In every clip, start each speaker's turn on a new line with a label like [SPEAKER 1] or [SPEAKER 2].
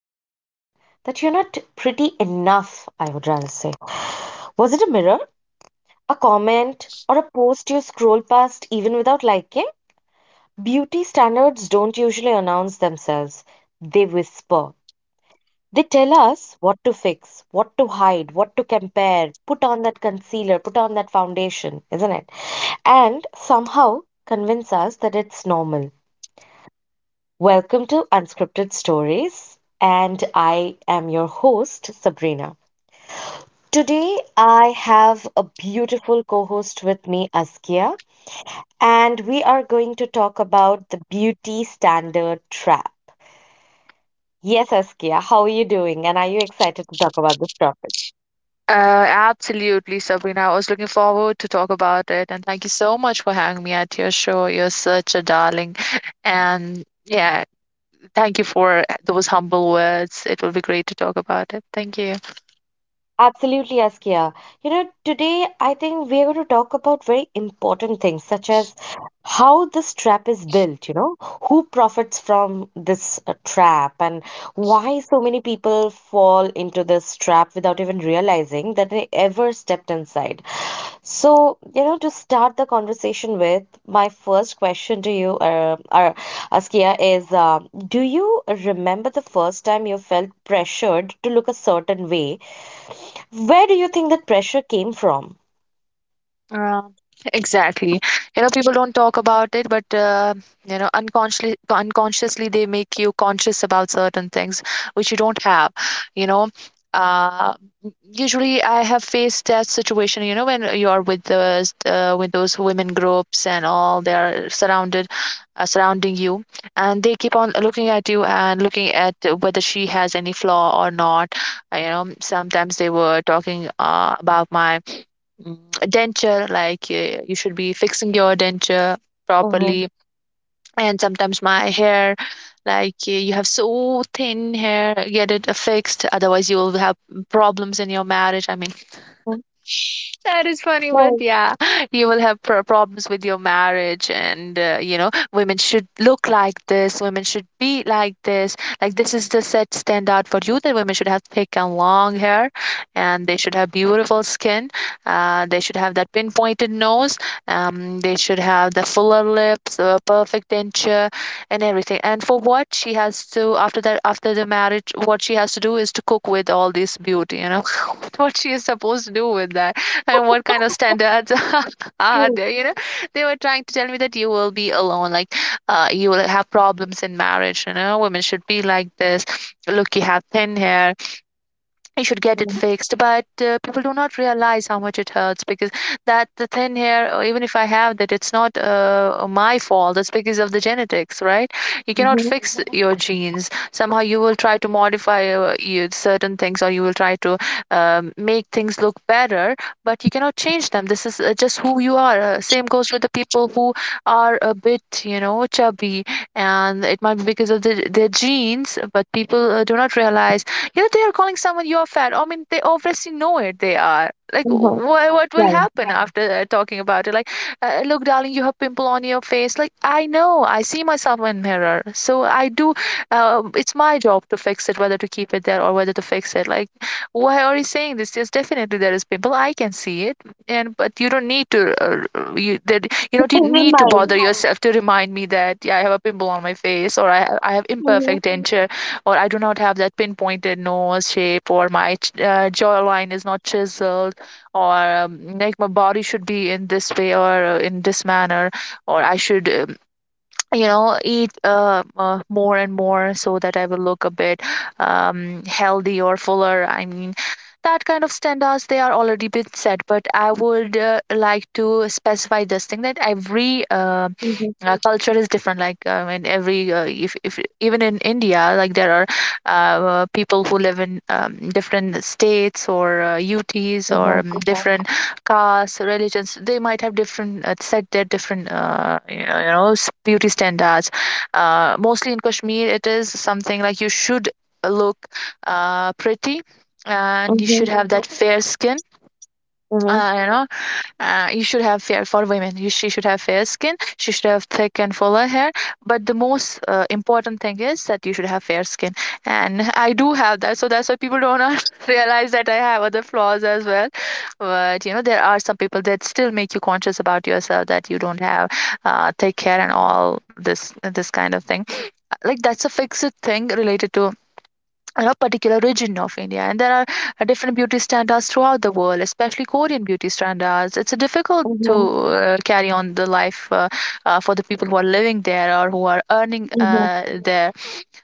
[SPEAKER 1] pretty. That you're not pretty enough, I would rather say. Was it a mirror, a comment, or a post you scroll past even without liking? Beauty standards don't usually announce themselves, they whisper. They tell us what to fix, what to hide, what to compare, put on that concealer, put on that foundation, isn't it? And somehow convince us that it's normal. Welcome to Unscripted Stories, and I am your host, Sabrina. Today, I have a beautiful co host with me, Askia, and we are going to talk about the beauty standard trap. Yes, Askia, how are you doing? And are you excited to talk about this topic?
[SPEAKER 2] Absolutely, Sabrina. I was looking forward to talk about it, and thank you so much for having me at your show. You're such a darling, and yeah, thank you for those humble words. It will be great to talk about it. Thank you.
[SPEAKER 1] Absolutely, Askia. You know, today I think we're going to talk about very important things such as how this trap is built, you know, who profits from this trap, and why so many people fall into this trap without even realizing that they ever stepped inside. So, you know, to start the conversation with, my first question to you, Askia, is do you remember the first time you felt pressured to look a certain way? Where do you think that pressure came from?
[SPEAKER 2] Uh, exactly. You know, people don't talk about it, but unconsciously, they make you conscious about certain things which you don't have. You know, uh, Usually I have faced that situation. You know, when you're with those women groups and all, they are surrounding you, and they keep on looking at you and looking at whether she has any flaw or not. Sometimes they were talking about my mm, denture. Like, you should be fixing your denture
[SPEAKER 1] Mm-hmm.
[SPEAKER 2] properly, and sometimes my hair. Like, you have so thin hair, get it fixed, otherwise you will have problems in your marriage. I mean, that is funny, but
[SPEAKER 1] Right,
[SPEAKER 2] yeah, you will have problems with your marriage. And women should look like this, women should be like this. Like, this is the set standard for you, that women should have thick and long hair, and they should have beautiful skin, they should have that pinpointed nose, they should have the fuller lips, perfect denture, and everything. And for what she has to, after that, after the marriage, what she has to do is to cook with all this beauty, you know, what she is supposed to do with that, and what kind of standards are
[SPEAKER 1] true.
[SPEAKER 2] there. They were trying to tell me that you will be alone. Like, you will have problems in marriage. You know, women should be like this. Look, you have thin hair, you should get it
[SPEAKER 1] Mm-hmm.
[SPEAKER 2] fixed, but people do not realize how much it hurts, because that the thing here, even if I have that, it's not my fault, it's because of the genetics, right? You cannot fix your genes. Somehow you will try to modify, certain things, or you will try to make things look better, but you cannot change them. This is just who you are. Same goes with the people who are a bit, you know, chubby, and it might be because of their genes, but people do not realize. You know, they are calling someone, you're fat. I mean, they obviously know it. They are like,
[SPEAKER 1] Mm-hmm.
[SPEAKER 2] what will
[SPEAKER 1] Right.
[SPEAKER 2] happen, yeah, after talking about it. Like, look, darling, you have pimple on your face. Like, I know, I see myself in mirror, so I do. It's my job to fix it, whether to keep it there or whether to fix it. Like, why are you saying this? Yes, definitely there is pimple, I can see it. And but you don't need to, you don't
[SPEAKER 1] Every
[SPEAKER 2] need to
[SPEAKER 1] mind.
[SPEAKER 2] bother, yeah, yourself to remind me that, yeah, I have a pimple on my face, or I have
[SPEAKER 1] Mm-hmm.
[SPEAKER 2] imperfect denture, or I do not have that pinpointed nose shape, or my jawline is not chiseled, or like my body should be in this way, or in this manner, or I should, eat, more and more so that I will look a bit healthy or fuller. I mean, that kind of standards they are already been set. But I would like to specify this thing, that every
[SPEAKER 1] Mm-hmm.
[SPEAKER 2] culture is different. Like, in every if even in India, like there are people who live in different states, or UTs, or
[SPEAKER 1] Mm-hmm.
[SPEAKER 2] yeah, different castes, religions, they might have different, set their different, beauty standards. Mostly in Kashmir, it is something like you should look pretty, and you
[SPEAKER 1] Mm-hmm.
[SPEAKER 2] should have that fair skin.
[SPEAKER 1] Hmm.
[SPEAKER 2] Uh, you know, you should have fair. For women, she should have fair skin, she should have thick and fuller hair. But the most important thing is that you should have fair skin. And I do have that, so that's why people do not realize that I have other flaws as well. But you know, there are some people that still make you conscious about yourself, that you don't have thick hair and all this kind of thing. Like, that's a fixed thing, related to a particular region of India. And there are different beauty standards throughout the world, especially Korean beauty standards. It's difficult to
[SPEAKER 1] Mm-hmm.
[SPEAKER 2] carry on the life, for the people who are living there or who are earning
[SPEAKER 1] Mm-hmm.
[SPEAKER 2] there.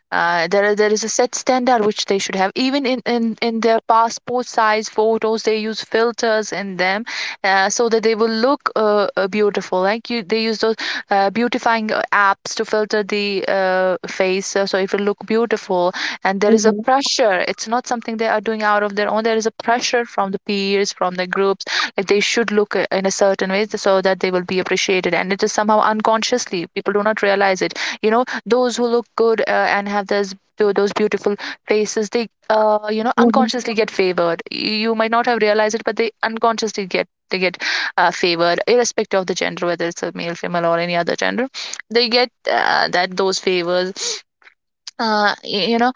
[SPEAKER 2] There is a set standard which they should have. Even in in their passport size photos, they use filters in them, so that they will look beautiful. Like, you, they use those beautifying apps to filter the face, so it will look beautiful. And there is a
[SPEAKER 1] Mm-hmm.
[SPEAKER 2] pressure. It's not something they are doing out of their own. There is a pressure from the peers, from the groups, like they should look in a certain way so that they will be appreciated. And it is, somehow, unconsciously, people do not realize it, you know. Those who look good, and have those beautiful faces, they,
[SPEAKER 1] Mm-hmm.
[SPEAKER 2] unconsciously get favored. You might not have realized it, but they unconsciously get favored, irrespective of the gender, whether it's a male, female, or any other gender. They get that those favors, you know.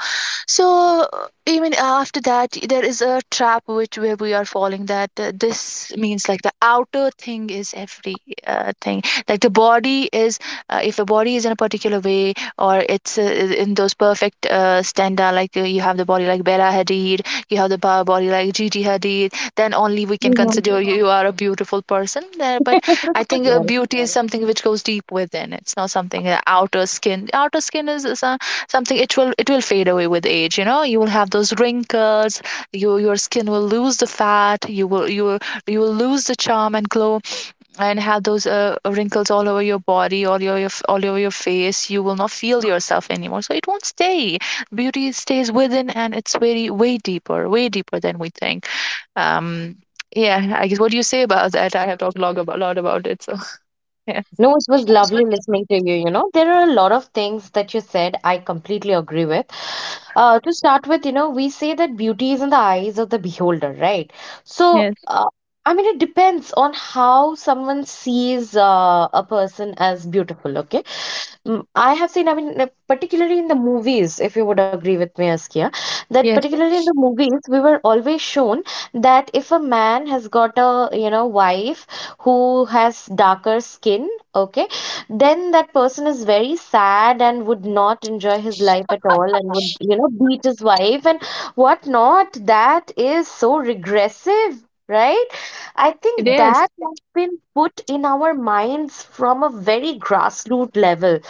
[SPEAKER 2] So, even after that, there is a trap which, where we are falling, that, this means, like, the outer thing is every thing. Like, the body is if the body is in a particular way, or it's in those perfect standard, like, you have the body like Bella Hadid, you have the body like Gigi Hadid, then only we can
[SPEAKER 1] Mm-hmm.
[SPEAKER 2] consider you, yeah, you are a beautiful person there, but I think
[SPEAKER 1] Yeah.
[SPEAKER 2] beauty is something which goes deep within. It's not something outer skin. Outer skin is something, it will fade away with age. You know, you will have those wrinkles, your skin will lose the fat, you will you will lose the charm and glow, and have those wrinkles all over your body, all over your face. You will not feel yourself anymore, so it won't stay. Beauty stays within, and it's very, way deeper, way deeper than we think. um yeah, I guess. What do you say about that? I have talked a lot about it, so yeah.
[SPEAKER 1] No, it was lovely listening to you. You know, there are a lot of things that you said I completely agree with. To start with, you know, we say that beauty is in the eyes of the beholder, right? So,
[SPEAKER 2] Yes.
[SPEAKER 1] I mean, it depends on how someone sees a person as beautiful, okay? Mm, I have seen, I mean, particularly in the movies, if you would agree with me, Askia, that
[SPEAKER 2] Yes.
[SPEAKER 1] particularly in the movies, we were always shown that if a man has got a, you know, wife who has darker skin, okay, then that person is very sad and would not enjoy his life at all and would, you know, beat his wife and whatnot. That is so regressive. Right? I think
[SPEAKER 2] Yes,
[SPEAKER 1] that has been put in our minds from a very grassroots level.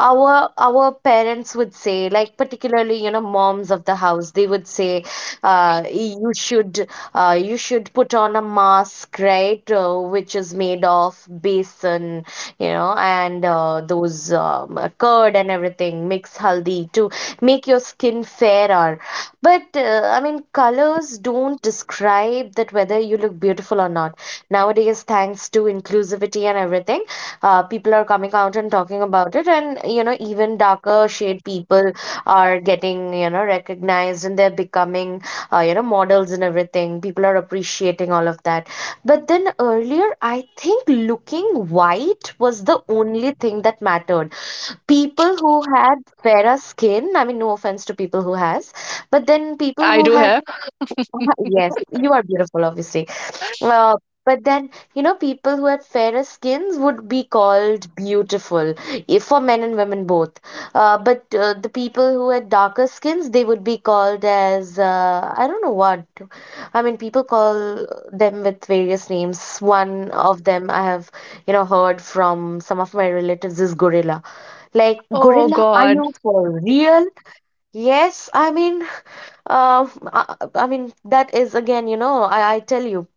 [SPEAKER 1] Our parents would say, like, particularly, you know, moms of the house, they would say uh, you should you should put on a mask, right, which is made of besan, you know, and those curd and everything mix haldi to make your skin fairer. But I mean, colors don't describe that whether you look beautiful or not. Nowadays, thanks to inclusivity and everything, people are coming out and talking about it, and you know, even darker shade people are getting, you know, recognized, and they're becoming you know, models and everything. People are appreciating all of that. But then earlier, I think looking white was the only thing that mattered. People who had fairer skin, I mean, no offense to people who has, but then people
[SPEAKER 2] I
[SPEAKER 1] who
[SPEAKER 2] do
[SPEAKER 1] had
[SPEAKER 2] have.
[SPEAKER 1] yes, you are beautiful, obviously, uh, but then, you know, people who had fairer skins would be called beautiful, if for men and women both. But the people who had darker skins, they would be called as I don't know what. I mean, people call them with various names. One of them I have, you know, heard from some of my relatives is gorilla. Like,
[SPEAKER 2] Oh,
[SPEAKER 1] gorilla, are
[SPEAKER 2] God.
[SPEAKER 1] you for real? Yes, I mean, uh, I mean that is again, you know, I tell you.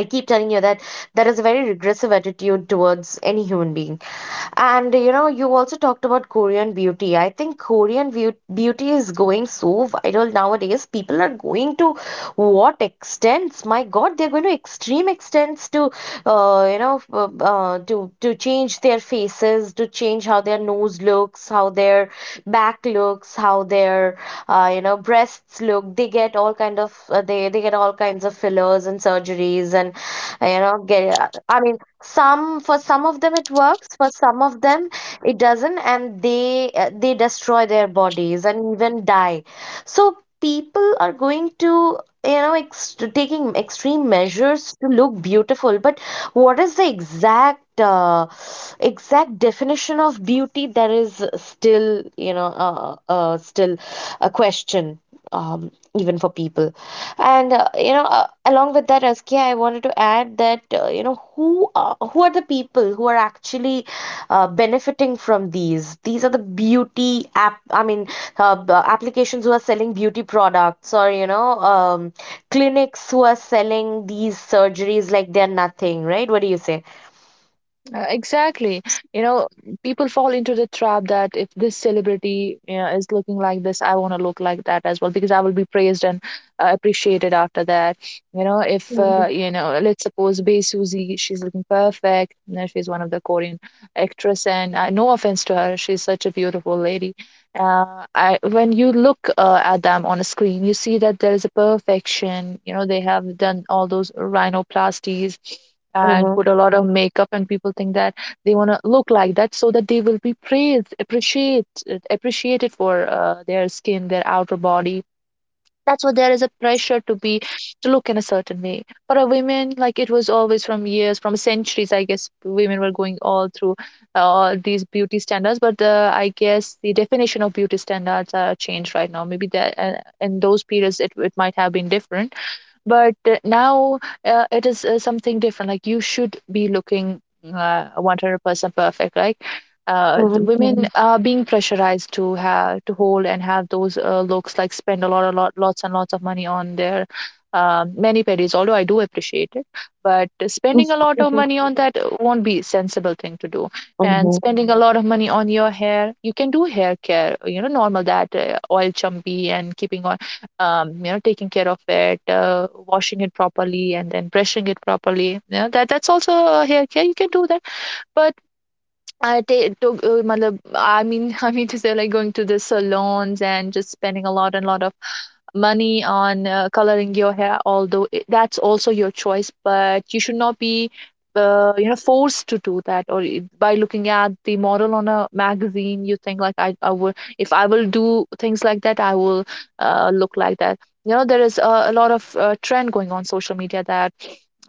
[SPEAKER 1] I keep telling you that that is a very regressive attitude towards any human being. And you know, you also talked about Korean beauty. I think Korean view beauty is going so viral nowadays. People are going to what extents? My God, they're going to extreme extents to, you know, to change their faces, to change how their nose looks, how their back looks, how their, you know, breasts look. They get all kind of they get all kinds of fillers and surgeries and, you know, get. I mean, some for some of them it works, for some of them it doesn't, and they destroy their bodies and even die. So people are going to, you know, taking extreme measures to look beautiful. But what is the exact definition of beauty? There is still, you know, still a question, um, even for people. And you know, along with that, Askia, I wanted to add that you know, who are the people who are actually benefiting from these? These are the beauty app, I mean, applications who are selling beauty products, or you know, clinics who are selling these surgeries like they're nothing, right? What do you say?
[SPEAKER 2] Exactly. You know, people fall into the trap that if this celebrity, you know, is looking like this, I want to look like that as well, because I will be praised and appreciated after that. You know, if,
[SPEAKER 1] Mm-hmm.
[SPEAKER 2] you know, let's suppose Bae Suzy, she's looking perfect. You know, she's one of the Korean actress, and no offense to her, she's such a beautiful lady. I When you look at them on a screen, you see that there is a perfection. You know, they have done all those rhinoplasties and
[SPEAKER 1] Mm-hmm.
[SPEAKER 2] put a lot of makeup, and people think that they want to look like that so that they will be praised, appreciated for their skin, their outer body. That's why there is a pressure to be, to look in a certain way for a women. Like, it was always, from years, from centuries, I guess, women were going all through these beauty standards. But I guess the definition of beauty standards are changed right now. Maybe that, in those periods, it might have been different, but now, it is something different. Like, you should be looking 100% perfect. Like,
[SPEAKER 1] Mm-hmm.
[SPEAKER 2] women. Mm. Are being pressurized to have to hold and have those looks, like spend a lot lots and lots of money on their many pedis. Although I do appreciate it, but spending a lot of
[SPEAKER 1] Mm-hmm.
[SPEAKER 2] money on that won't be sensible thing to do. And
[SPEAKER 1] Mm-hmm.
[SPEAKER 2] spending a lot of money on your hair, you can do hair care, you know, normal that oil chumpy and keeping, you know, taking care of it, washing it properly and then brushing it properly, you know, that's also a hair care, you can do that. But I take to, matlab, I mean, I mean to say, like going to the salons and just spending a lot of money on coloring your hair, although that's also your choice, but you should not be, you know, forced to do that. Or by looking at the model on a magazine, you think like if I will do things like that, I will look like that. You know, there is a lot of trend going on social media that,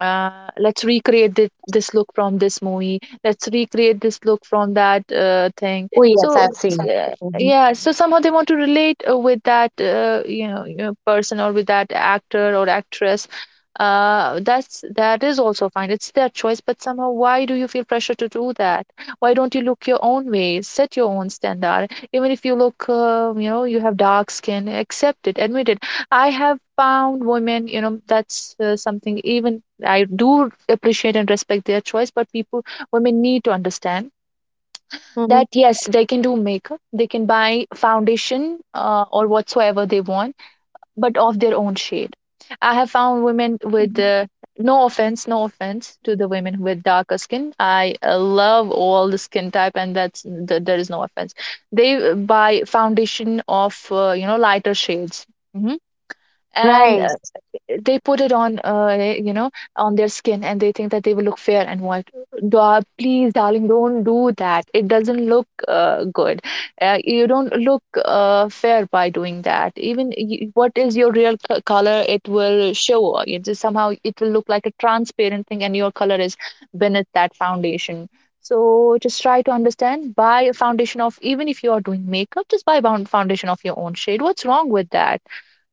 [SPEAKER 2] let's recreate this look from this movie, let's recreate this look from that thing.
[SPEAKER 1] Oh yes,
[SPEAKER 2] So
[SPEAKER 1] I've seen.
[SPEAKER 2] uh,
[SPEAKER 1] Mm-hmm.
[SPEAKER 2] yeah, so somehow they want to relate with that, you know, person, or with that actor or actress. That's that is also fine, it's their choice, but somehow why do you feel pressure to do that? Why don't you look your own way, set your own standard? Even if you look, you know, you have dark skin, accept it, admit it. I have found women, you know, that's something even I do appreciate and respect their choice. But people, women, need to understand
[SPEAKER 1] Mm-hmm.
[SPEAKER 2] that yes, they can do makeup, they can buy foundation or whatsoever they want, but of their own shade. I have found women with, no offense, no offense to the women with darker skin, I love all the skin type and there is no offense. They buy foundation of, you know, lighter shades. Mhm. And
[SPEAKER 1] Right.
[SPEAKER 2] they put it on, you know, on their skin, and they think that they will look fair and white. Please darling, don't do that, it doesn't look good. You don't look fair by doing that. Even what is your real color, it will show. It just somehow it will look like a transparent thing, and your color is beneath that foundation. So just try to understand, buy a foundation of, even if you are doing makeup, just buy bound foundation of your own shade. What's wrong with that?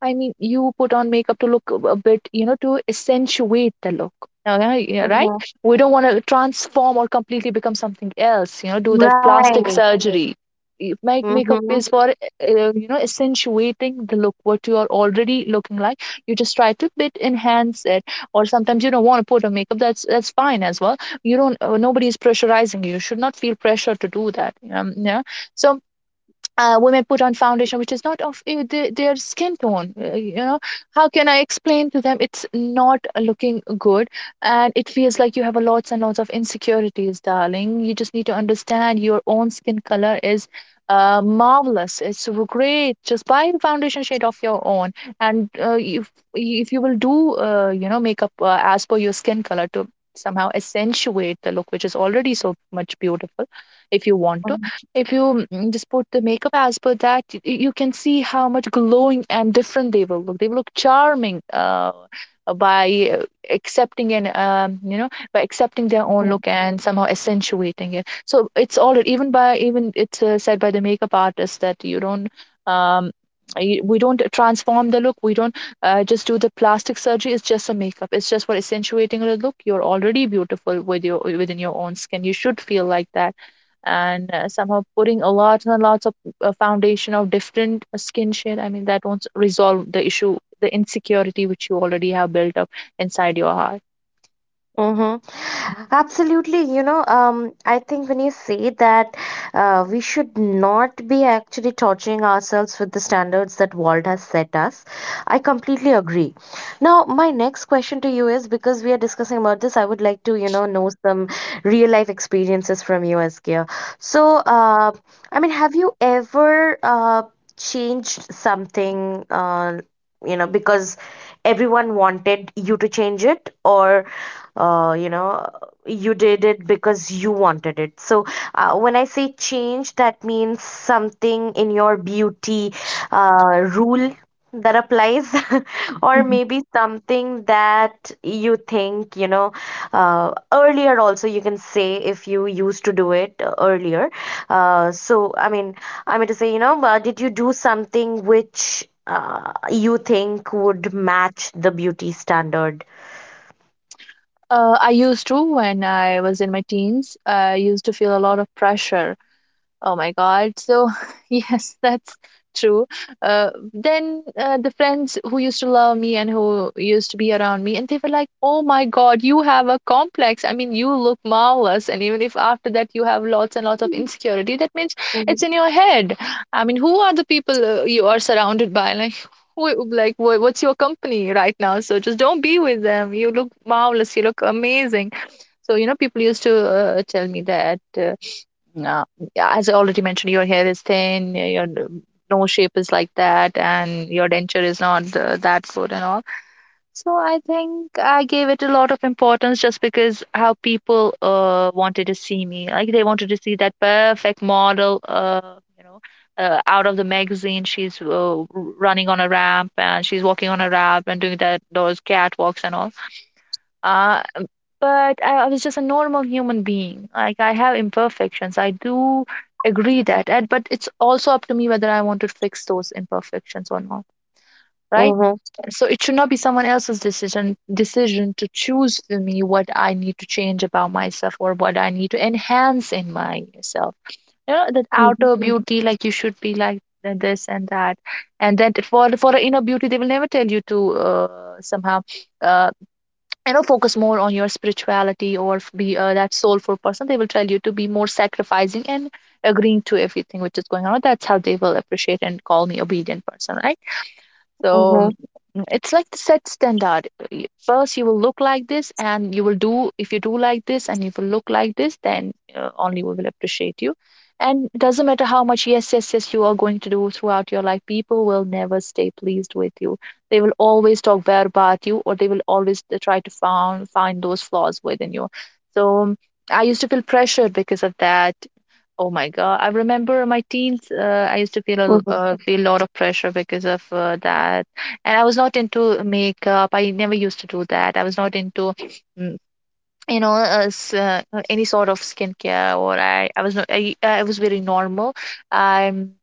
[SPEAKER 2] I mean, you put on makeup to look a bit, you know, to accentuate the look. Yeah, right?
[SPEAKER 1] Mm-hmm.
[SPEAKER 2] We don't want to transform or completely become something else, you know, do that plastic
[SPEAKER 1] Right.
[SPEAKER 2] surgery. Make makeup
[SPEAKER 1] Mhm.
[SPEAKER 2] is for, you know, accentuating the look, what you are already looking like. You just try to bit enhance it, or sometimes you don't want to put on makeup. That's fine as well. You don't. Nobody is pressurizing you. You should not feel pressure to do that. Yeah. So women put on foundation which is not of the, their skin tone, you know. How can I explain to them it's not looking good? And it feels like you have a lots and lots of insecurities, darling. You just need to understand your own skin color is marvelous, it's great. Just buy the foundation shade of your own. And if you will do you know makeup as per your skin color to somehow accentuate the look which is already so much beautiful. If you want to,
[SPEAKER 1] Mhm.
[SPEAKER 2] if you just put the makeup as per that, you can see how much glowing and different they will look. They will look charming by accepting and, you know, by accepting their own
[SPEAKER 1] Mhm.
[SPEAKER 2] look and somehow accentuating it. So it's all even by even it's said by the makeup artist that you don't. Um, we don't transform the look. We don't just do the plastic surgery. It's just a makeup. It's just for accentuating the look. You're already beautiful with your within your own skin. You should feel like that. And somehow putting a lot and lots of foundation of different skin shade, I mean, that won't resolve the issue, the insecurity which you already have built up inside your heart.
[SPEAKER 1] Mm-hmm. Absolutely. You know, I think when you say that we should not be actually torturing ourselves with the standards that world has set us, I completely agree. Now, my next question to you is, because we are discussing about this, I would like to, you know some real life experiences from you, Askia. So, I mean, have you ever changed something, you know, because everyone wanted you to change it, or you know, you did it because you wanted it. So when I say change, that means something in your beauty rule that applies, or
[SPEAKER 2] Mhm.
[SPEAKER 1] maybe something that you think, you know, earlier also you can say if you used to do it earlier. So, I mean, you know, did you do something which you think would match the beauty standard?
[SPEAKER 2] I used to, when I was in my teens, I used to feel a lot of pressure. Oh my God. So, yes, that's true. Then the friends who used to love me and who used to be around me, and they were like, oh my God, you have a complex. I mean, you look marvelous. And even if after that you have lots and lots of
[SPEAKER 1] Mhm.
[SPEAKER 2] insecurity, that means it's
[SPEAKER 1] Mhm.
[SPEAKER 2] in your head. I mean, who are the people you are surrounded by? Like, who, like what's your company right now? So just don't be with them. You look marvelous. You look amazing. So, you know, people used to tell me that. Uh, yeah, as I already mentioned, your hair is thin, your nose shape is like that, and your denture is not that good and all. So I think I gave it a lot of importance just because how people wanted to see me. Like they wanted to see that perfect model, you know, out of the magazine. She's running on a ramp, and she's walking on a ramp and doing that those catwalks and all. Uh, um, but I was just a normal human being. Like I have imperfections. I do agree that, and, but it's also up to me whether I want to fix those imperfections or not, right?
[SPEAKER 1] Mhm.
[SPEAKER 2] So it should not be someone else's decision to choose for me what I need to change about myself or what I need to enhance in myself. You know, that outer Mhm.
[SPEAKER 1] Mhm.
[SPEAKER 2] beauty, like you should be like this and that, and then for the inner beauty, they will never tell you to somehow. Uh, you know, focus more on your spirituality, or be that soulful person. They will tell you to be more sacrificing and agreeing to everything which is going on. That's how they will appreciate and call me obedient person, right? So it's like the set standard. First, you will look like this, and you will do, if you do like this, and if you will look like this, then only we will appreciate you. And it doesn't matter how much yes, yes, yes you are going to do throughout your life, people will never stay pleased with you. They will always talk bad about you, or they will always try to find those flaws within you. So I used to feel pressured because of that. Oh my God. I remember my teens, I used to feel a lot of pressure because of that. And I was not into makeup. I never used to do that. I was not into mm, you know, any sort of skincare. Or I was not I, I was very normal. I'm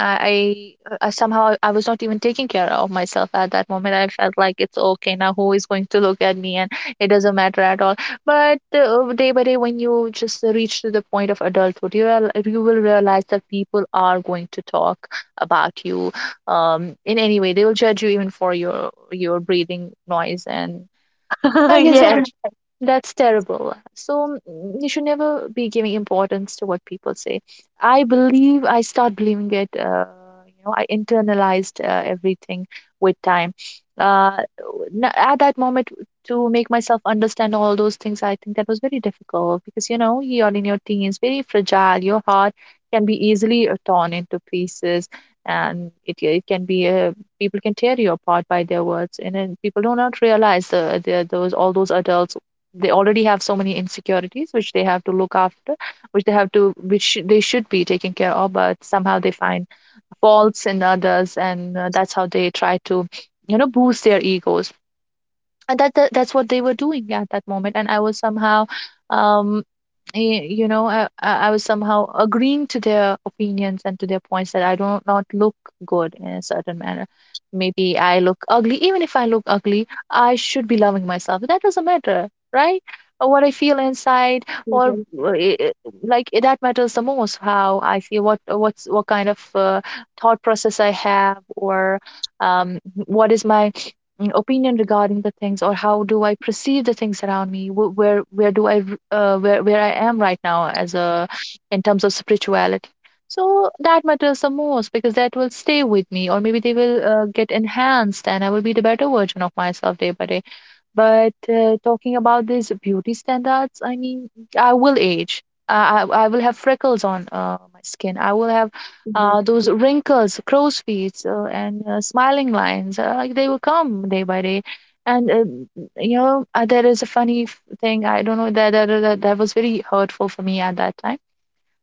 [SPEAKER 2] I, I somehow, I was not even taking care of myself at that moment. I felt like it's okay now. Who is going to look at me? And it doesn't matter at all. But day by day, when you just reach to the point of adulthood, you will realize that people are going to talk about you. In any way, they will judge you even for your breathing noise. And I
[SPEAKER 1] Mhm.
[SPEAKER 2] guess
[SPEAKER 1] Yes.
[SPEAKER 2] that that's terrible. So you should never be giving importance to what people say. I believe I start believing it. You know, I internalized everything with time. Uh, at that moment, to make myself understand all those things, I think that was very difficult, because you know you're in your teens, very fragile. Your heart can be easily torn into pieces, and it yeah, it can be people can tear you apart by their words. And then people do not realize the those all those adults, they already have so many insecurities which they have to look after, which they have to, which they should be taken care of, but somehow they find faults in others. And that's how they try to, you know, boost their egos. And that's what they were doing at that moment. And I was somehow, um you know, I was somehow agreeing to their opinions and to their points that I do not look good in a certain manner. Maybe I look ugly. Even if I look ugly, I should be loving myself. That doesn't matter, right? Or what I feel inside, or
[SPEAKER 1] Mhm.
[SPEAKER 2] like that matters the most. How I feel, what kind of thought process I have, or um, what is my opinion regarding the things? Or how do I perceive the things around me? Wh- where do I r- where I am right now as a, in terms of spirituality, so that matters the most, because that will stay with me, or maybe they will get enhanced and I will be the better version of myself day by day. But talking about these beauty standards, I mean, I will age. I will have freckles on my skin. I will have
[SPEAKER 1] Mhm.
[SPEAKER 2] those wrinkles, crow's feet, and smiling lines. Like, they will come day by day. And there is a funny thing. I don't know that that was very hurtful for me at that time.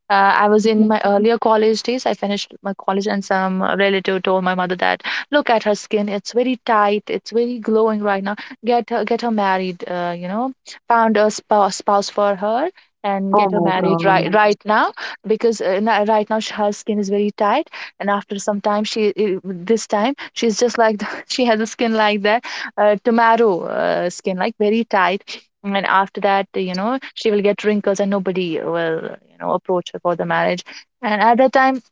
[SPEAKER 2] I was
[SPEAKER 1] Mhm.
[SPEAKER 2] in my earlier college days. I finished my college, and some relative told my mother that, "Look at her skin; it's very tight, it's very glowing right now. Get her married. Found a spouse for her, and
[SPEAKER 1] Oh
[SPEAKER 2] get her
[SPEAKER 1] my
[SPEAKER 2] married
[SPEAKER 1] God.
[SPEAKER 2] right now, because right now her skin is very tight, and after some time, she this time she's just like she has a skin like that, tomato skin, like very tight, and after that, you know, she will get wrinkles and nobody will, you know, approach her for the marriage." And at that time,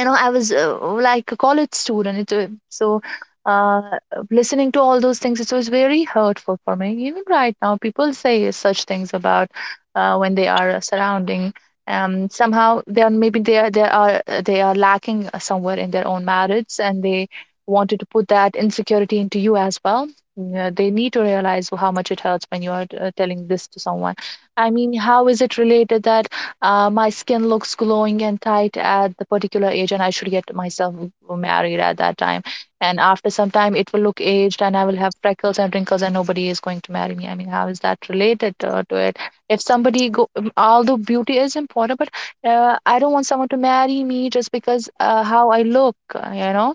[SPEAKER 2] you know, I was like a college student. So uh listening to all those things, it was very hurtful for me. Even right now people say such things about, when they are surrounding. Somehow they are, maybe they are, they are lacking somewhere in their own marriage, and they wanted to put that insecurity into you as well. Yeah, they need to realize how much it hurts when you are telling this to someone. I mean, how is it related that my skin looks glowing and tight at the particular age, and I should get myself married at that time, and after some time it will look aged and I will have freckles and wrinkles and nobody is going to marry me? I mean, how is that related, to it? If somebody go although beauty is important, but I don't want someone to marry me just because how I look, uh, you know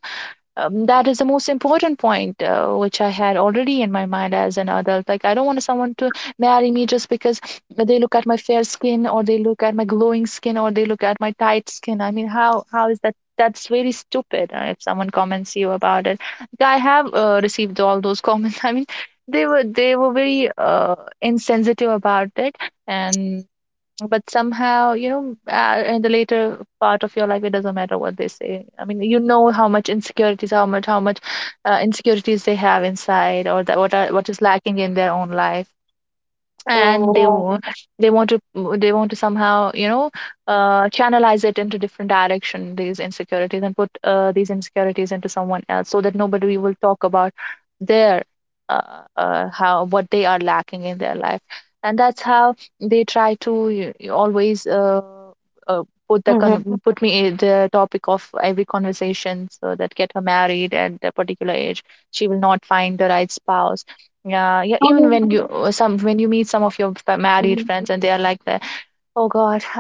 [SPEAKER 2] um, that is the most important point, which I had already in my mind as an adult. Like, I don't want someone to marry me just because they look at my fair skin, or they look at my glowing skin, or they look at my tight skin. I mean, how is that? That's very stupid, if someone comments you about it. Like, I have received all those comments, I mean, they were very insensitive about it. And but somehow, you know, in the later part of your life, it doesn't matter what they say. I mean, you know, how much insecurities, how much insecurities they have inside, or that what are, what is lacking in their own life. And they yeah
[SPEAKER 1] Mhm.
[SPEAKER 2] wa- they want to they want to somehow, you know, channelize it into different direction, these insecurities, and put these insecurities into someone else, so that nobody will talk about their how, what they are lacking in their life. And that's how they try to always uh, put the
[SPEAKER 1] Mhm.
[SPEAKER 2] put me in the topic of every conversation, so that get her married at a particular age, she will not find the right spouse. Yeah, yeah. Even
[SPEAKER 1] Mhm.
[SPEAKER 2] when you some when you meet some of your married
[SPEAKER 1] Mhm.
[SPEAKER 2] friends and they are like that, oh God,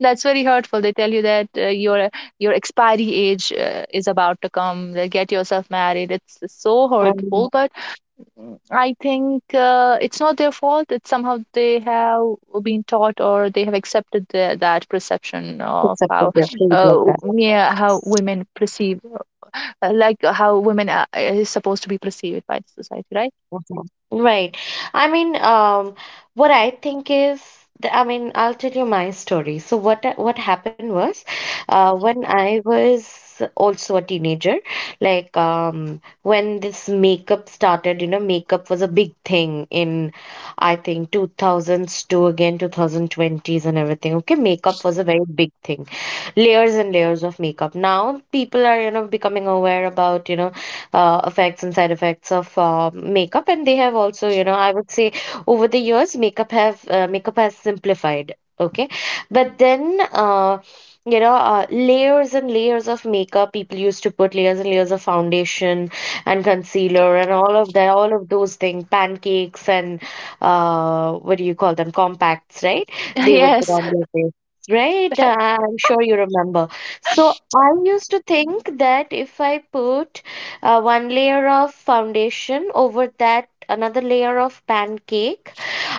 [SPEAKER 2] that's very hurtful. They tell you that your expiry age is about to come. Like, get yourself married. It's so
[SPEAKER 1] Mhm.
[SPEAKER 2] hurtful. But I think it's not their fault. It's somehow they have been taught, or they have accepted the, that perception of
[SPEAKER 1] It's a
[SPEAKER 2] how
[SPEAKER 1] bigger like
[SPEAKER 2] uh,
[SPEAKER 1] that.
[SPEAKER 2] yeah, how women perceive, like how women are, is supposed to be perceived by the society, right?
[SPEAKER 1] Mhm. Right. I mean, what I think is, I mean, I'll tell you my story. So what happened was, when I was also a teenager, like when this makeup started, you know, makeup was a big thing in, I think, 2000s to again 2020s and everything. Okay, makeup was a very big thing, layers and layers of makeup. Now people are, you know, becoming aware about, you know, effects and side effects of makeup, and they have also, you know, I would say, over the years makeup have makeup has simplified, okay. But then you know, layers and layers of makeup, people used to put layers and layers of foundation and concealer and all of that, all of those things, pancakes and what do you call them, compacts, right, they would put
[SPEAKER 2] Yes.
[SPEAKER 1] on their face, right. I'm sure you remember. So I used to think that if I put one layer of foundation, over that, another layer of pancake,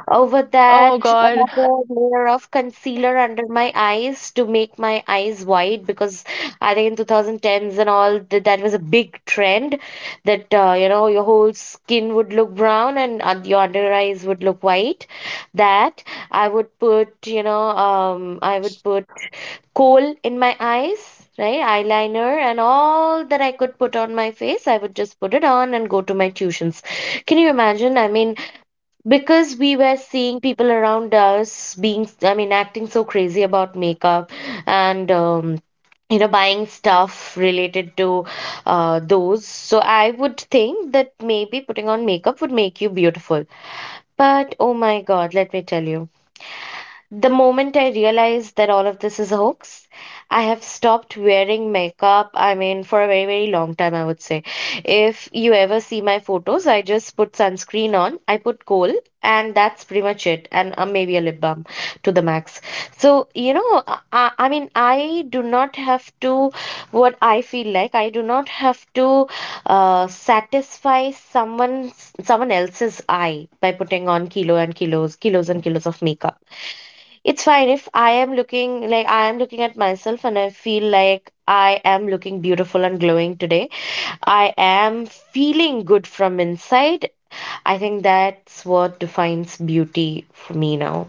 [SPEAKER 1] over
[SPEAKER 2] Oh
[SPEAKER 1] that,
[SPEAKER 2] God.
[SPEAKER 1] another layer of concealer under my eyes to make my eyes wide, because I think in 2010s and all that, that was a big trend, that you know, your whole skin would look brown and your under eyes would look white. That I would put, you know, I would put coal in my eyes, right? Eyeliner and all that I could put on my face, I would just put it on and go to my tuitions. Can you imagine? I mean, because we were seeing people around us being, I mean, acting so crazy about makeup and, you know, buying stuff related to those. So I would think that maybe putting on makeup would make you beautiful. But oh my God, let me tell you. The moment I realized that all of this is a hoax, I have stopped wearing makeup. I mean, for a very, very long time, I would say. If you ever see my photos, I just put sunscreen on, I put kohl, and that's pretty much it, and maybe a lip balm to the max. So, you know, I mean, I do not have to, what I feel like, I do not have to satisfy someone, someone else's eye by putting on kilo and kilos, kilos and kilos of makeup. It's fine if I am looking like I am looking at myself and I feel like I am looking beautiful and glowing today. I am feeling good from inside. I think that's what defines beauty for me now.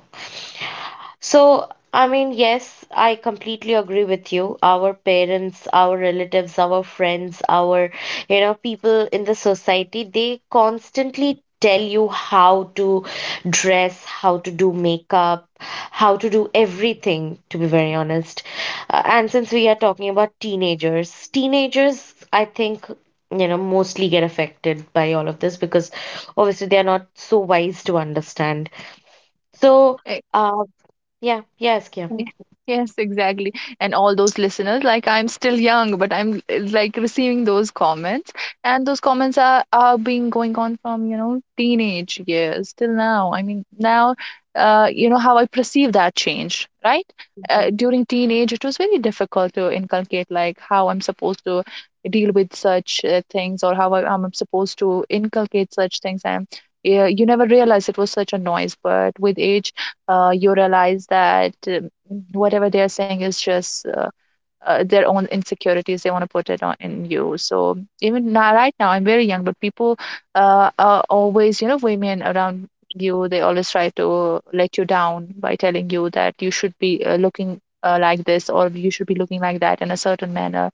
[SPEAKER 1] So, I mean, yes, I completely agree with you. Our parents, our relatives, our friends, our, you know, people in the society, they constantly tell you how to dress, how to do makeup, how to do everything, to be very honest. And since we are talking about teenagers, I think, mostly get affected by all of this because obviously they are not so wise to understand. So,
[SPEAKER 2] Eh,
[SPEAKER 1] uh, yeah, yes, yeah.
[SPEAKER 2] y- Yes, exactly. And all those listeners, like, I'm still young, but I'm like receiving those comments, and those comments are being going on from, you know, teenage years till now. I mean, now, you know how I perceive that change, right?
[SPEAKER 1] Mhm.
[SPEAKER 2] During teenage, it was very difficult to inculcate, like how I'm supposed to deal with such things, or how I'm supposed to inculcate such things. And yeah, you never realize it was such a noise. But with age you realize that whatever they are saying is just their own insecurities they want to put it on in you. So even now, right now, I'm very young, but people are always, you know, women around you, they always try to let you down by telling you that you should be looking like this, or you should be looking like that in a certain manner.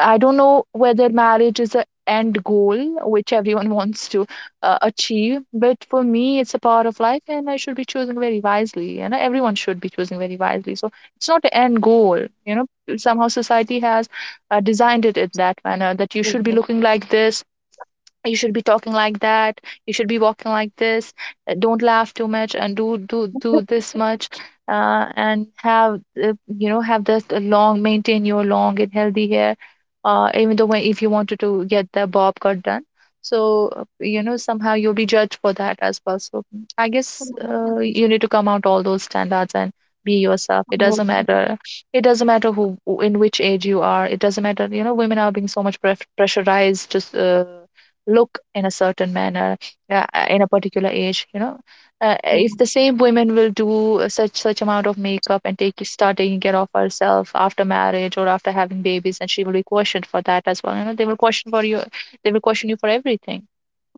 [SPEAKER 2] I don't know whether marriage is an end goal which everyone wants to achieve, but for me, it's a part of life, and I should be choosing very wisely, and everyone should be choosing very wisely. So it's not an end goal, you know. Somehow society has designed it in that manner, that you should be looking like this, you should be talking like that, you should be walking like this, don't laugh too much, and do this much, and have have this long, maintain your long and healthy hair, even though when, if you wanted to get the bob cut done, so you know, somehow you'll be judged for that as well. So I guess
[SPEAKER 1] Mm,
[SPEAKER 2] you need to come out all those standards and be yourself. It
[SPEAKER 1] mm,
[SPEAKER 2] doesn't matter, it doesn't matter who, in which age you are. It doesn't matter, you know, women are being so much pressurized just look in a certain manner in a particular age. You know, if
[SPEAKER 1] mm.
[SPEAKER 2] the same women will do such, such amount of makeup and take, start taking care of herself after marriage or after having babies, and she will be questioned for that as well. You know, they will question for you, they will question you for everything.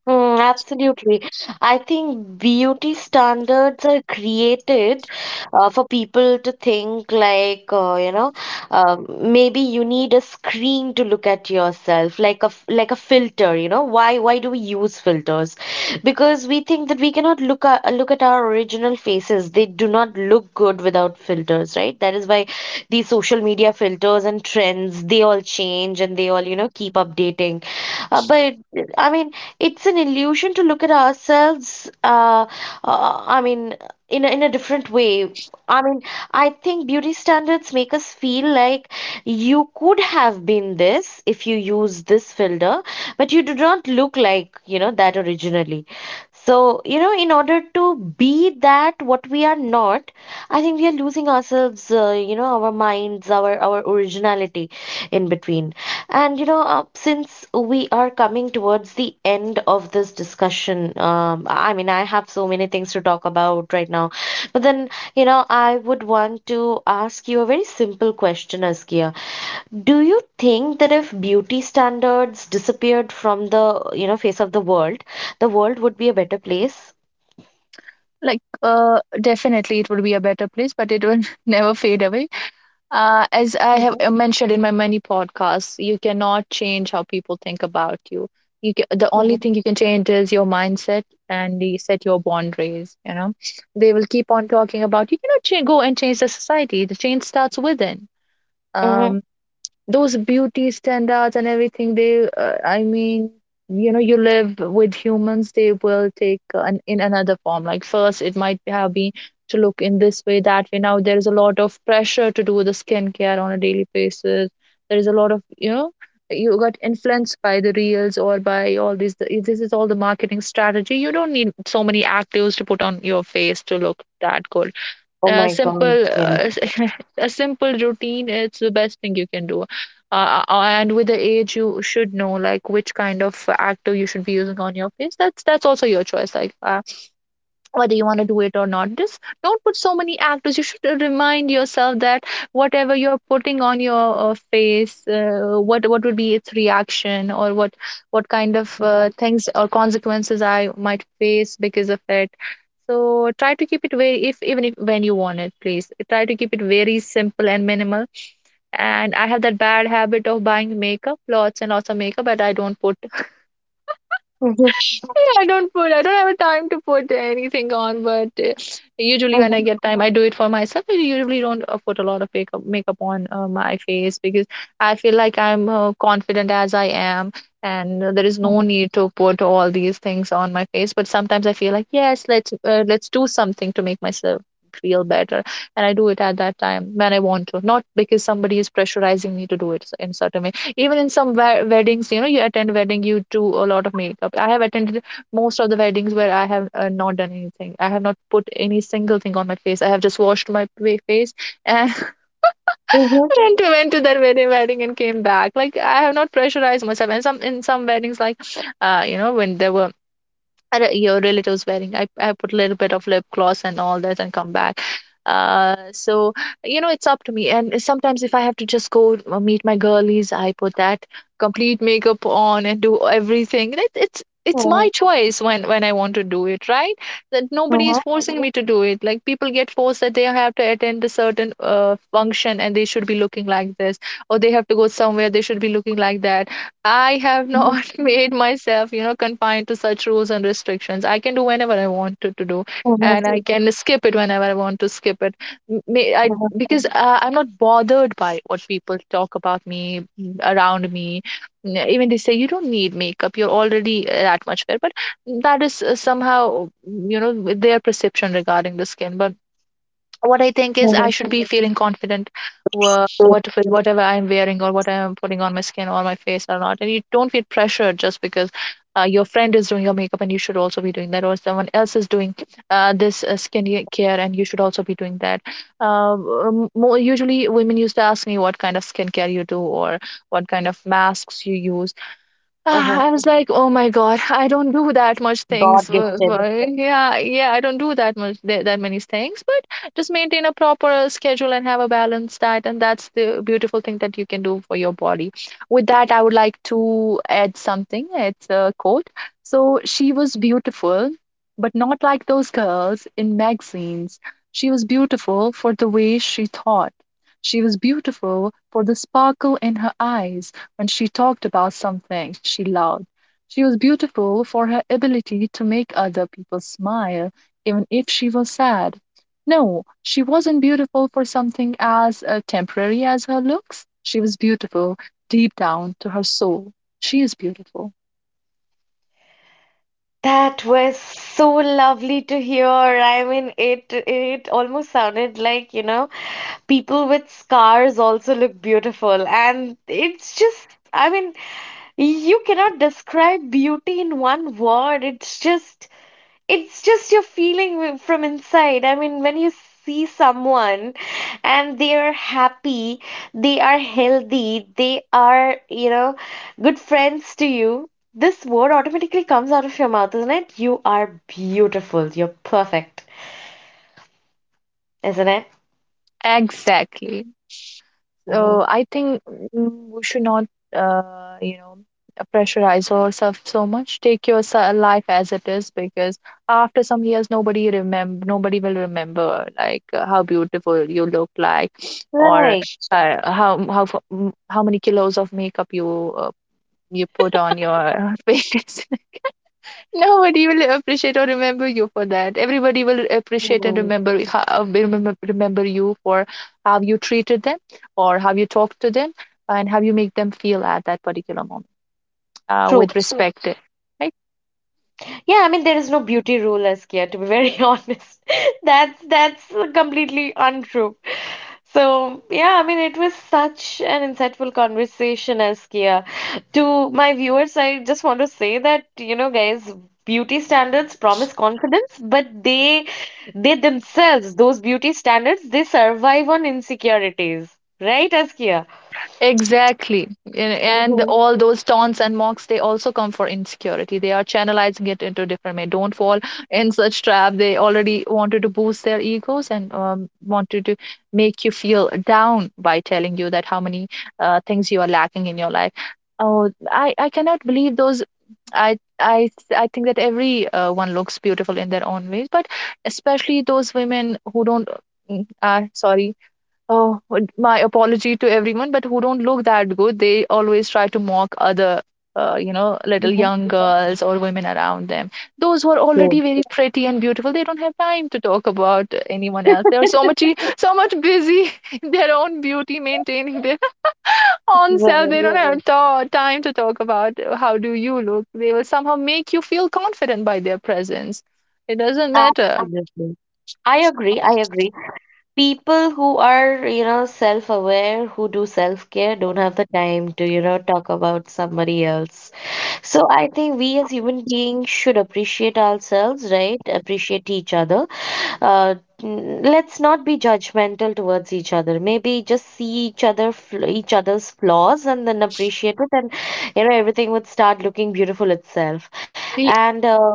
[SPEAKER 1] Mm, absolutely. I think beauty standards are created for people to think like, maybe you need a screen to look at yourself, like like a filter, you know. Why do we use filters? Because we think that we cannot look at our original faces. They do not look good without filters, right? That is why these social media filters and trends, they all change and they all, you know, keep updating. But I mean, it's an illusion to look at ourselves I mean in a different way. i mean I think beauty standards make us feel like you could have been this if you use this filter, but you do not look like, you know, that originally. So, you know, in order to be that what we are not, I think we are losing ourselves, you know, our minds, our originality in between. And since we are coming towards the end of this discussion, I mean, I have so many things to talk about right now. But then, you know, I would want to ask you a very simple question, Askia. Do you think that if beauty standards disappeared from the, you know, face of the world would be a better place?
[SPEAKER 2] Like, definitely it will be a better place, but it will never fade away. As I have
[SPEAKER 1] Mhm,
[SPEAKER 2] mentioned in my many podcasts, you cannot change how people think about you. You ca, the
[SPEAKER 1] mhm,
[SPEAKER 2] only thing you can change is your mindset, and the, set your boundaries. You know, they will keep on talking, about, you cannot go and change the society. The change starts within.
[SPEAKER 1] mm-hmm.
[SPEAKER 2] Um, those beauty standards and everything, they I mean, you know, you live with humans, they will take in another form. Like, first it might have been to look in this way, that way, now there is a lot of pressure to do the skincare on a daily basis. There is a lot of, you know, you got influenced by the reels, or by all these this is all the marketing strategy. You don't need so many actives to put on your face to look that good.
[SPEAKER 1] Oh
[SPEAKER 2] A
[SPEAKER 1] my God,
[SPEAKER 2] simple
[SPEAKER 1] yes.
[SPEAKER 2] a simple routine, it's the best thing you can do. And with the age you should know, like which kind of active you should be using on your face. That's also your choice. Like, whether you want to do it or not, just don't put so many actors. You should remind yourself that whatever you're putting on your face, what would be its reaction, or what kind of things or consequences I might face because of it. So try to keep it very, if even if when you want it, please try to keep it very simple and minimal. And I have that bad habit of buying makeup, lots and lots of makeup, but I don't put,
[SPEAKER 1] Mhm,
[SPEAKER 2] I don't put. I don't have a time to put anything on. But usually when I
[SPEAKER 1] mhm,
[SPEAKER 2] get time, I do it for myself. I usually don't put a lot of makeup on my face, because I feel like I'm confident as I am, and there is no
[SPEAKER 1] mhm,
[SPEAKER 2] need to put all these things on my face. But sometimes I feel like, yes, let's do something to make myself feel better, and I do it at that time when I want to, not because somebody is pressurizing me to do it in certain way. Even in some weddings, you know, you attend wedding, you do a lot of makeup. I have attended most of the weddings where I have not done anything. I have not put any single thing on my face. I have just washed my face and
[SPEAKER 1] mhm,
[SPEAKER 2] went to that wedding and came back. Like I have not pressurized myself. And some in some weddings, like you know, when there were or your relatives wearing I put a little bit of lip gloss and all that and come back. So you know it's up to me, and sometimes if I have to just go meet my girlies, I put that complete makeup on and do everything. And it's
[SPEAKER 1] mhm,
[SPEAKER 2] my choice when I want to do it, right? That nobody is
[SPEAKER 1] mhm,
[SPEAKER 2] forcing me to do it. Like, people get forced that they have to attend a certain function and they should be looking like this, or they have to go somewhere they should be looking like that. I have not made myself, you know, confined to such rules and restrictions. I can do whenever I wanted to do,
[SPEAKER 1] mhm, mhm,
[SPEAKER 2] and I can skip it whenever I want to skip it. I, because I'm not bothered by what people talk about me around me. Even they say you don't need makeup, you're already that much fair. But that is somehow, you know, their perception regarding the skin. But what I think is
[SPEAKER 1] mhm.
[SPEAKER 2] I should be feeling confident what, with whatever I'm wearing or what I'm putting on my skin or my face or not. And you don't feel pressured just because your friend is doing your makeup and you should also be doing that, or someone else is doing this skin care and you should also be doing that. Um, usually, women used to ask me what kind of skincare you do, or what kind of masks you use.
[SPEAKER 1] Mhm.
[SPEAKER 2] Ah, I was like, oh my God, I don't do that much
[SPEAKER 1] God
[SPEAKER 2] things.
[SPEAKER 1] gifted.
[SPEAKER 2] Yeah, yeah, I don't do that much that many things, but just maintain a proper schedule and have a balanced diet, and that's the beautiful thing that you can do for your body. With that, I would like to add something. It's a quote. So she was beautiful, but not like those girls in magazines. She was beautiful for the way she thought. She was beautiful for the sparkle in her eyes when she talked about something she loved. She was beautiful for her ability to make other people smile, even if she was sad. No, she wasn't beautiful for something as temporary as her looks. She was beautiful deep down to her soul. She is beautiful.
[SPEAKER 1] That was so lovely to hear. I mean, it almost sounded like, you know, people with scars also look beautiful. And it's just, I mean, you cannot describe beauty in one word. It's just your feeling from inside. I mean, when you see someone and they are happy, they are healthy, they are, you know, good friends to you, this word automatically comes out of your mouth, isn't it? You are beautiful. You're perfect, isn't it?
[SPEAKER 2] Exactly. So
[SPEAKER 1] Hmm.
[SPEAKER 2] I think we should not, you know, pressurize ourselves so much. Take your life as it is, because after some years, nobody will remember like how beautiful you look like, or
[SPEAKER 1] Right.
[SPEAKER 2] how many kilos of makeup you you put on your face. Nobody will appreciate or remember you for that. Everybody will appreciate and
[SPEAKER 1] Mhm.
[SPEAKER 2] remember you for how you treated them, or how you talked to them, and how you make them feel at that particular moment
[SPEAKER 1] True.
[SPEAKER 2] with Mm. respect, right?
[SPEAKER 1] Yeah, I mean there is no beauty rule, Askia, to be very honest. That's completely untrue. So yeah, I mean it was such an insightful conversation, Askia. To my viewers, I just want to say that, you know, guys, beauty standards promise confidence, but they themselves, those beauty standards, they survive on insecurities. Right, Askia?
[SPEAKER 2] Exactly. And
[SPEAKER 1] Mm-hmm.
[SPEAKER 2] all those taunts and mocks, they also come for insecurity. They are channelizing it into different way. Don't fall in such trap. They already wanted to boost their egos and wanted to make you feel down by telling you that how many things you are lacking in your life. Oh, I cannot believe those. I I think that every one looks beautiful in their own ways, but especially those women who don't. Sorry. Oh, my apology to everyone, but who don't look that good, they always try to mock other, you know, little young girls or women around them. Those who are
[SPEAKER 1] True.
[SPEAKER 2] already very pretty and beautiful, they don't have time to talk about anyone else. They are so much, so much busy in their own beauty, maintaining their own self. They
[SPEAKER 1] Right.
[SPEAKER 2] don't Yes. have ta time to talk about how do you look. They will somehow make you feel confident by their presence. It doesn't matter.
[SPEAKER 1] Absolutely. I agree. I agree. People who are, you know, self aware, who do self care, don't have the time to, you know, talk about somebody else. So I think we as human beings should appreciate ourselves, right? Appreciate each other. Uh, let's not be judgmental towards each other. Maybe just see each other, each other's flaws, and then appreciate it, and you know, everything would start looking beautiful itself. And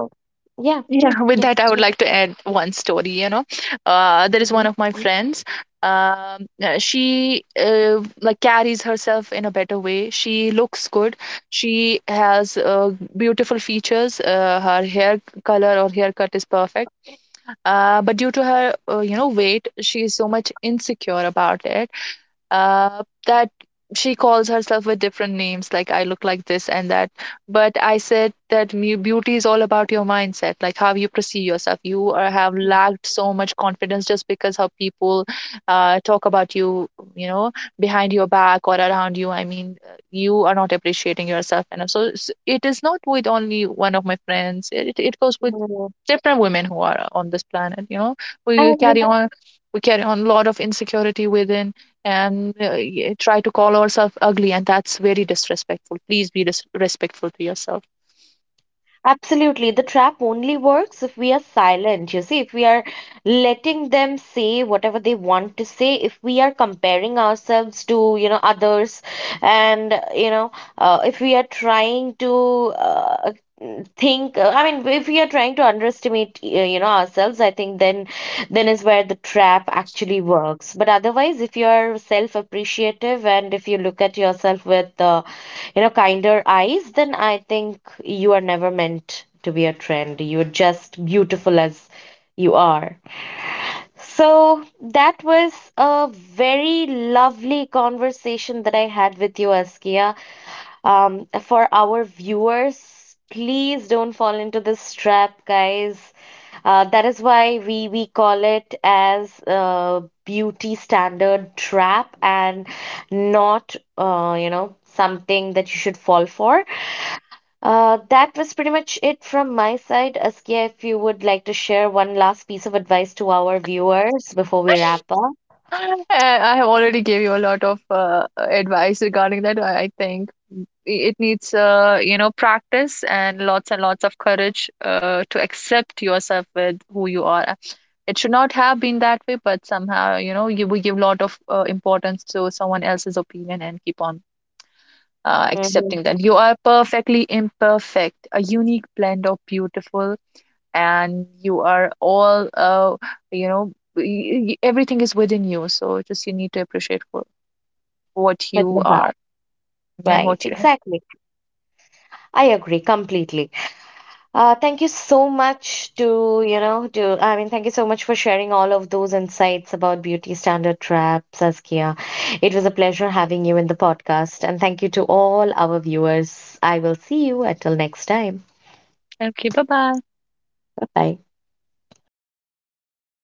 [SPEAKER 1] yeah,
[SPEAKER 2] Yeah, with
[SPEAKER 1] yeah.
[SPEAKER 2] that, I would like to add one story. You know, there is one
[SPEAKER 1] Mhm.
[SPEAKER 2] of my friends. She like carries herself in a better way. She looks good. She has beautiful features. Her hair color or haircut is perfect. But due to her, you know, weight, she is so much insecure about it, that she calls herself with different names, like I look like this and that. But I said that beauty is all about your mindset, like how you perceive yourself. You are, have lacked so much confidence just because how people talk about you, you know, behind your back or around you. I mean, you are not appreciating yourself enough. So it is not with only one of my friends. It goes with different women who are on this planet. You know,
[SPEAKER 1] I
[SPEAKER 2] we
[SPEAKER 1] agree.
[SPEAKER 2] carry on we carry on a lot of insecurity within, and try to call ourselves ugly, and that's very disrespectful. Please be respectful to yourself.
[SPEAKER 1] Absolutely. The trap only works if we are silent. You see, if we are letting them say whatever they want to say, if we are comparing ourselves to, you know, others, and, you know, if we are trying to think, I mean, if we are trying to underestimate, you know, ourselves, I think then is where the trap actually works. But otherwise, if you're self-appreciative and if you look at yourself with, you know, kinder eyes, then I think you are never meant to be a trend. You're just beautiful as you are. So that was a very lovely conversation that I had with you, Askia. For our viewers, please don't fall into this trap, guys. That is why we call it as beauty standard trap and not, you know, something that you should fall for. That was pretty much it from my side. Askia, if you would like to share one last piece of advice to our viewers before we wrap up.
[SPEAKER 2] I have already gave you a lot of advice regarding that. I think it needs, you know, practice and lots of courage to accept yourself with who you are. It should not have been that way, but somehow, you know, you we give a lot of importance to someone else's opinion and keep on accepting
[SPEAKER 1] Mm-hmm.
[SPEAKER 2] that you are perfectly imperfect, a unique blend of beautiful, and you are all you know everything is within you, so just you need to appreciate for what
[SPEAKER 1] With
[SPEAKER 2] you
[SPEAKER 1] the heart,
[SPEAKER 2] are and
[SPEAKER 1] right?
[SPEAKER 2] what you have.
[SPEAKER 1] Exactly. I agree completely. Thank you so much to, you know, to, I mean, thank you so much for sharing all of those insights about beauty standard trap, Saskia. It was a pleasure having you in the podcast. And thank you to all our viewers. I will see you until next time.
[SPEAKER 2] Okay, bye bye.
[SPEAKER 1] Bye bye.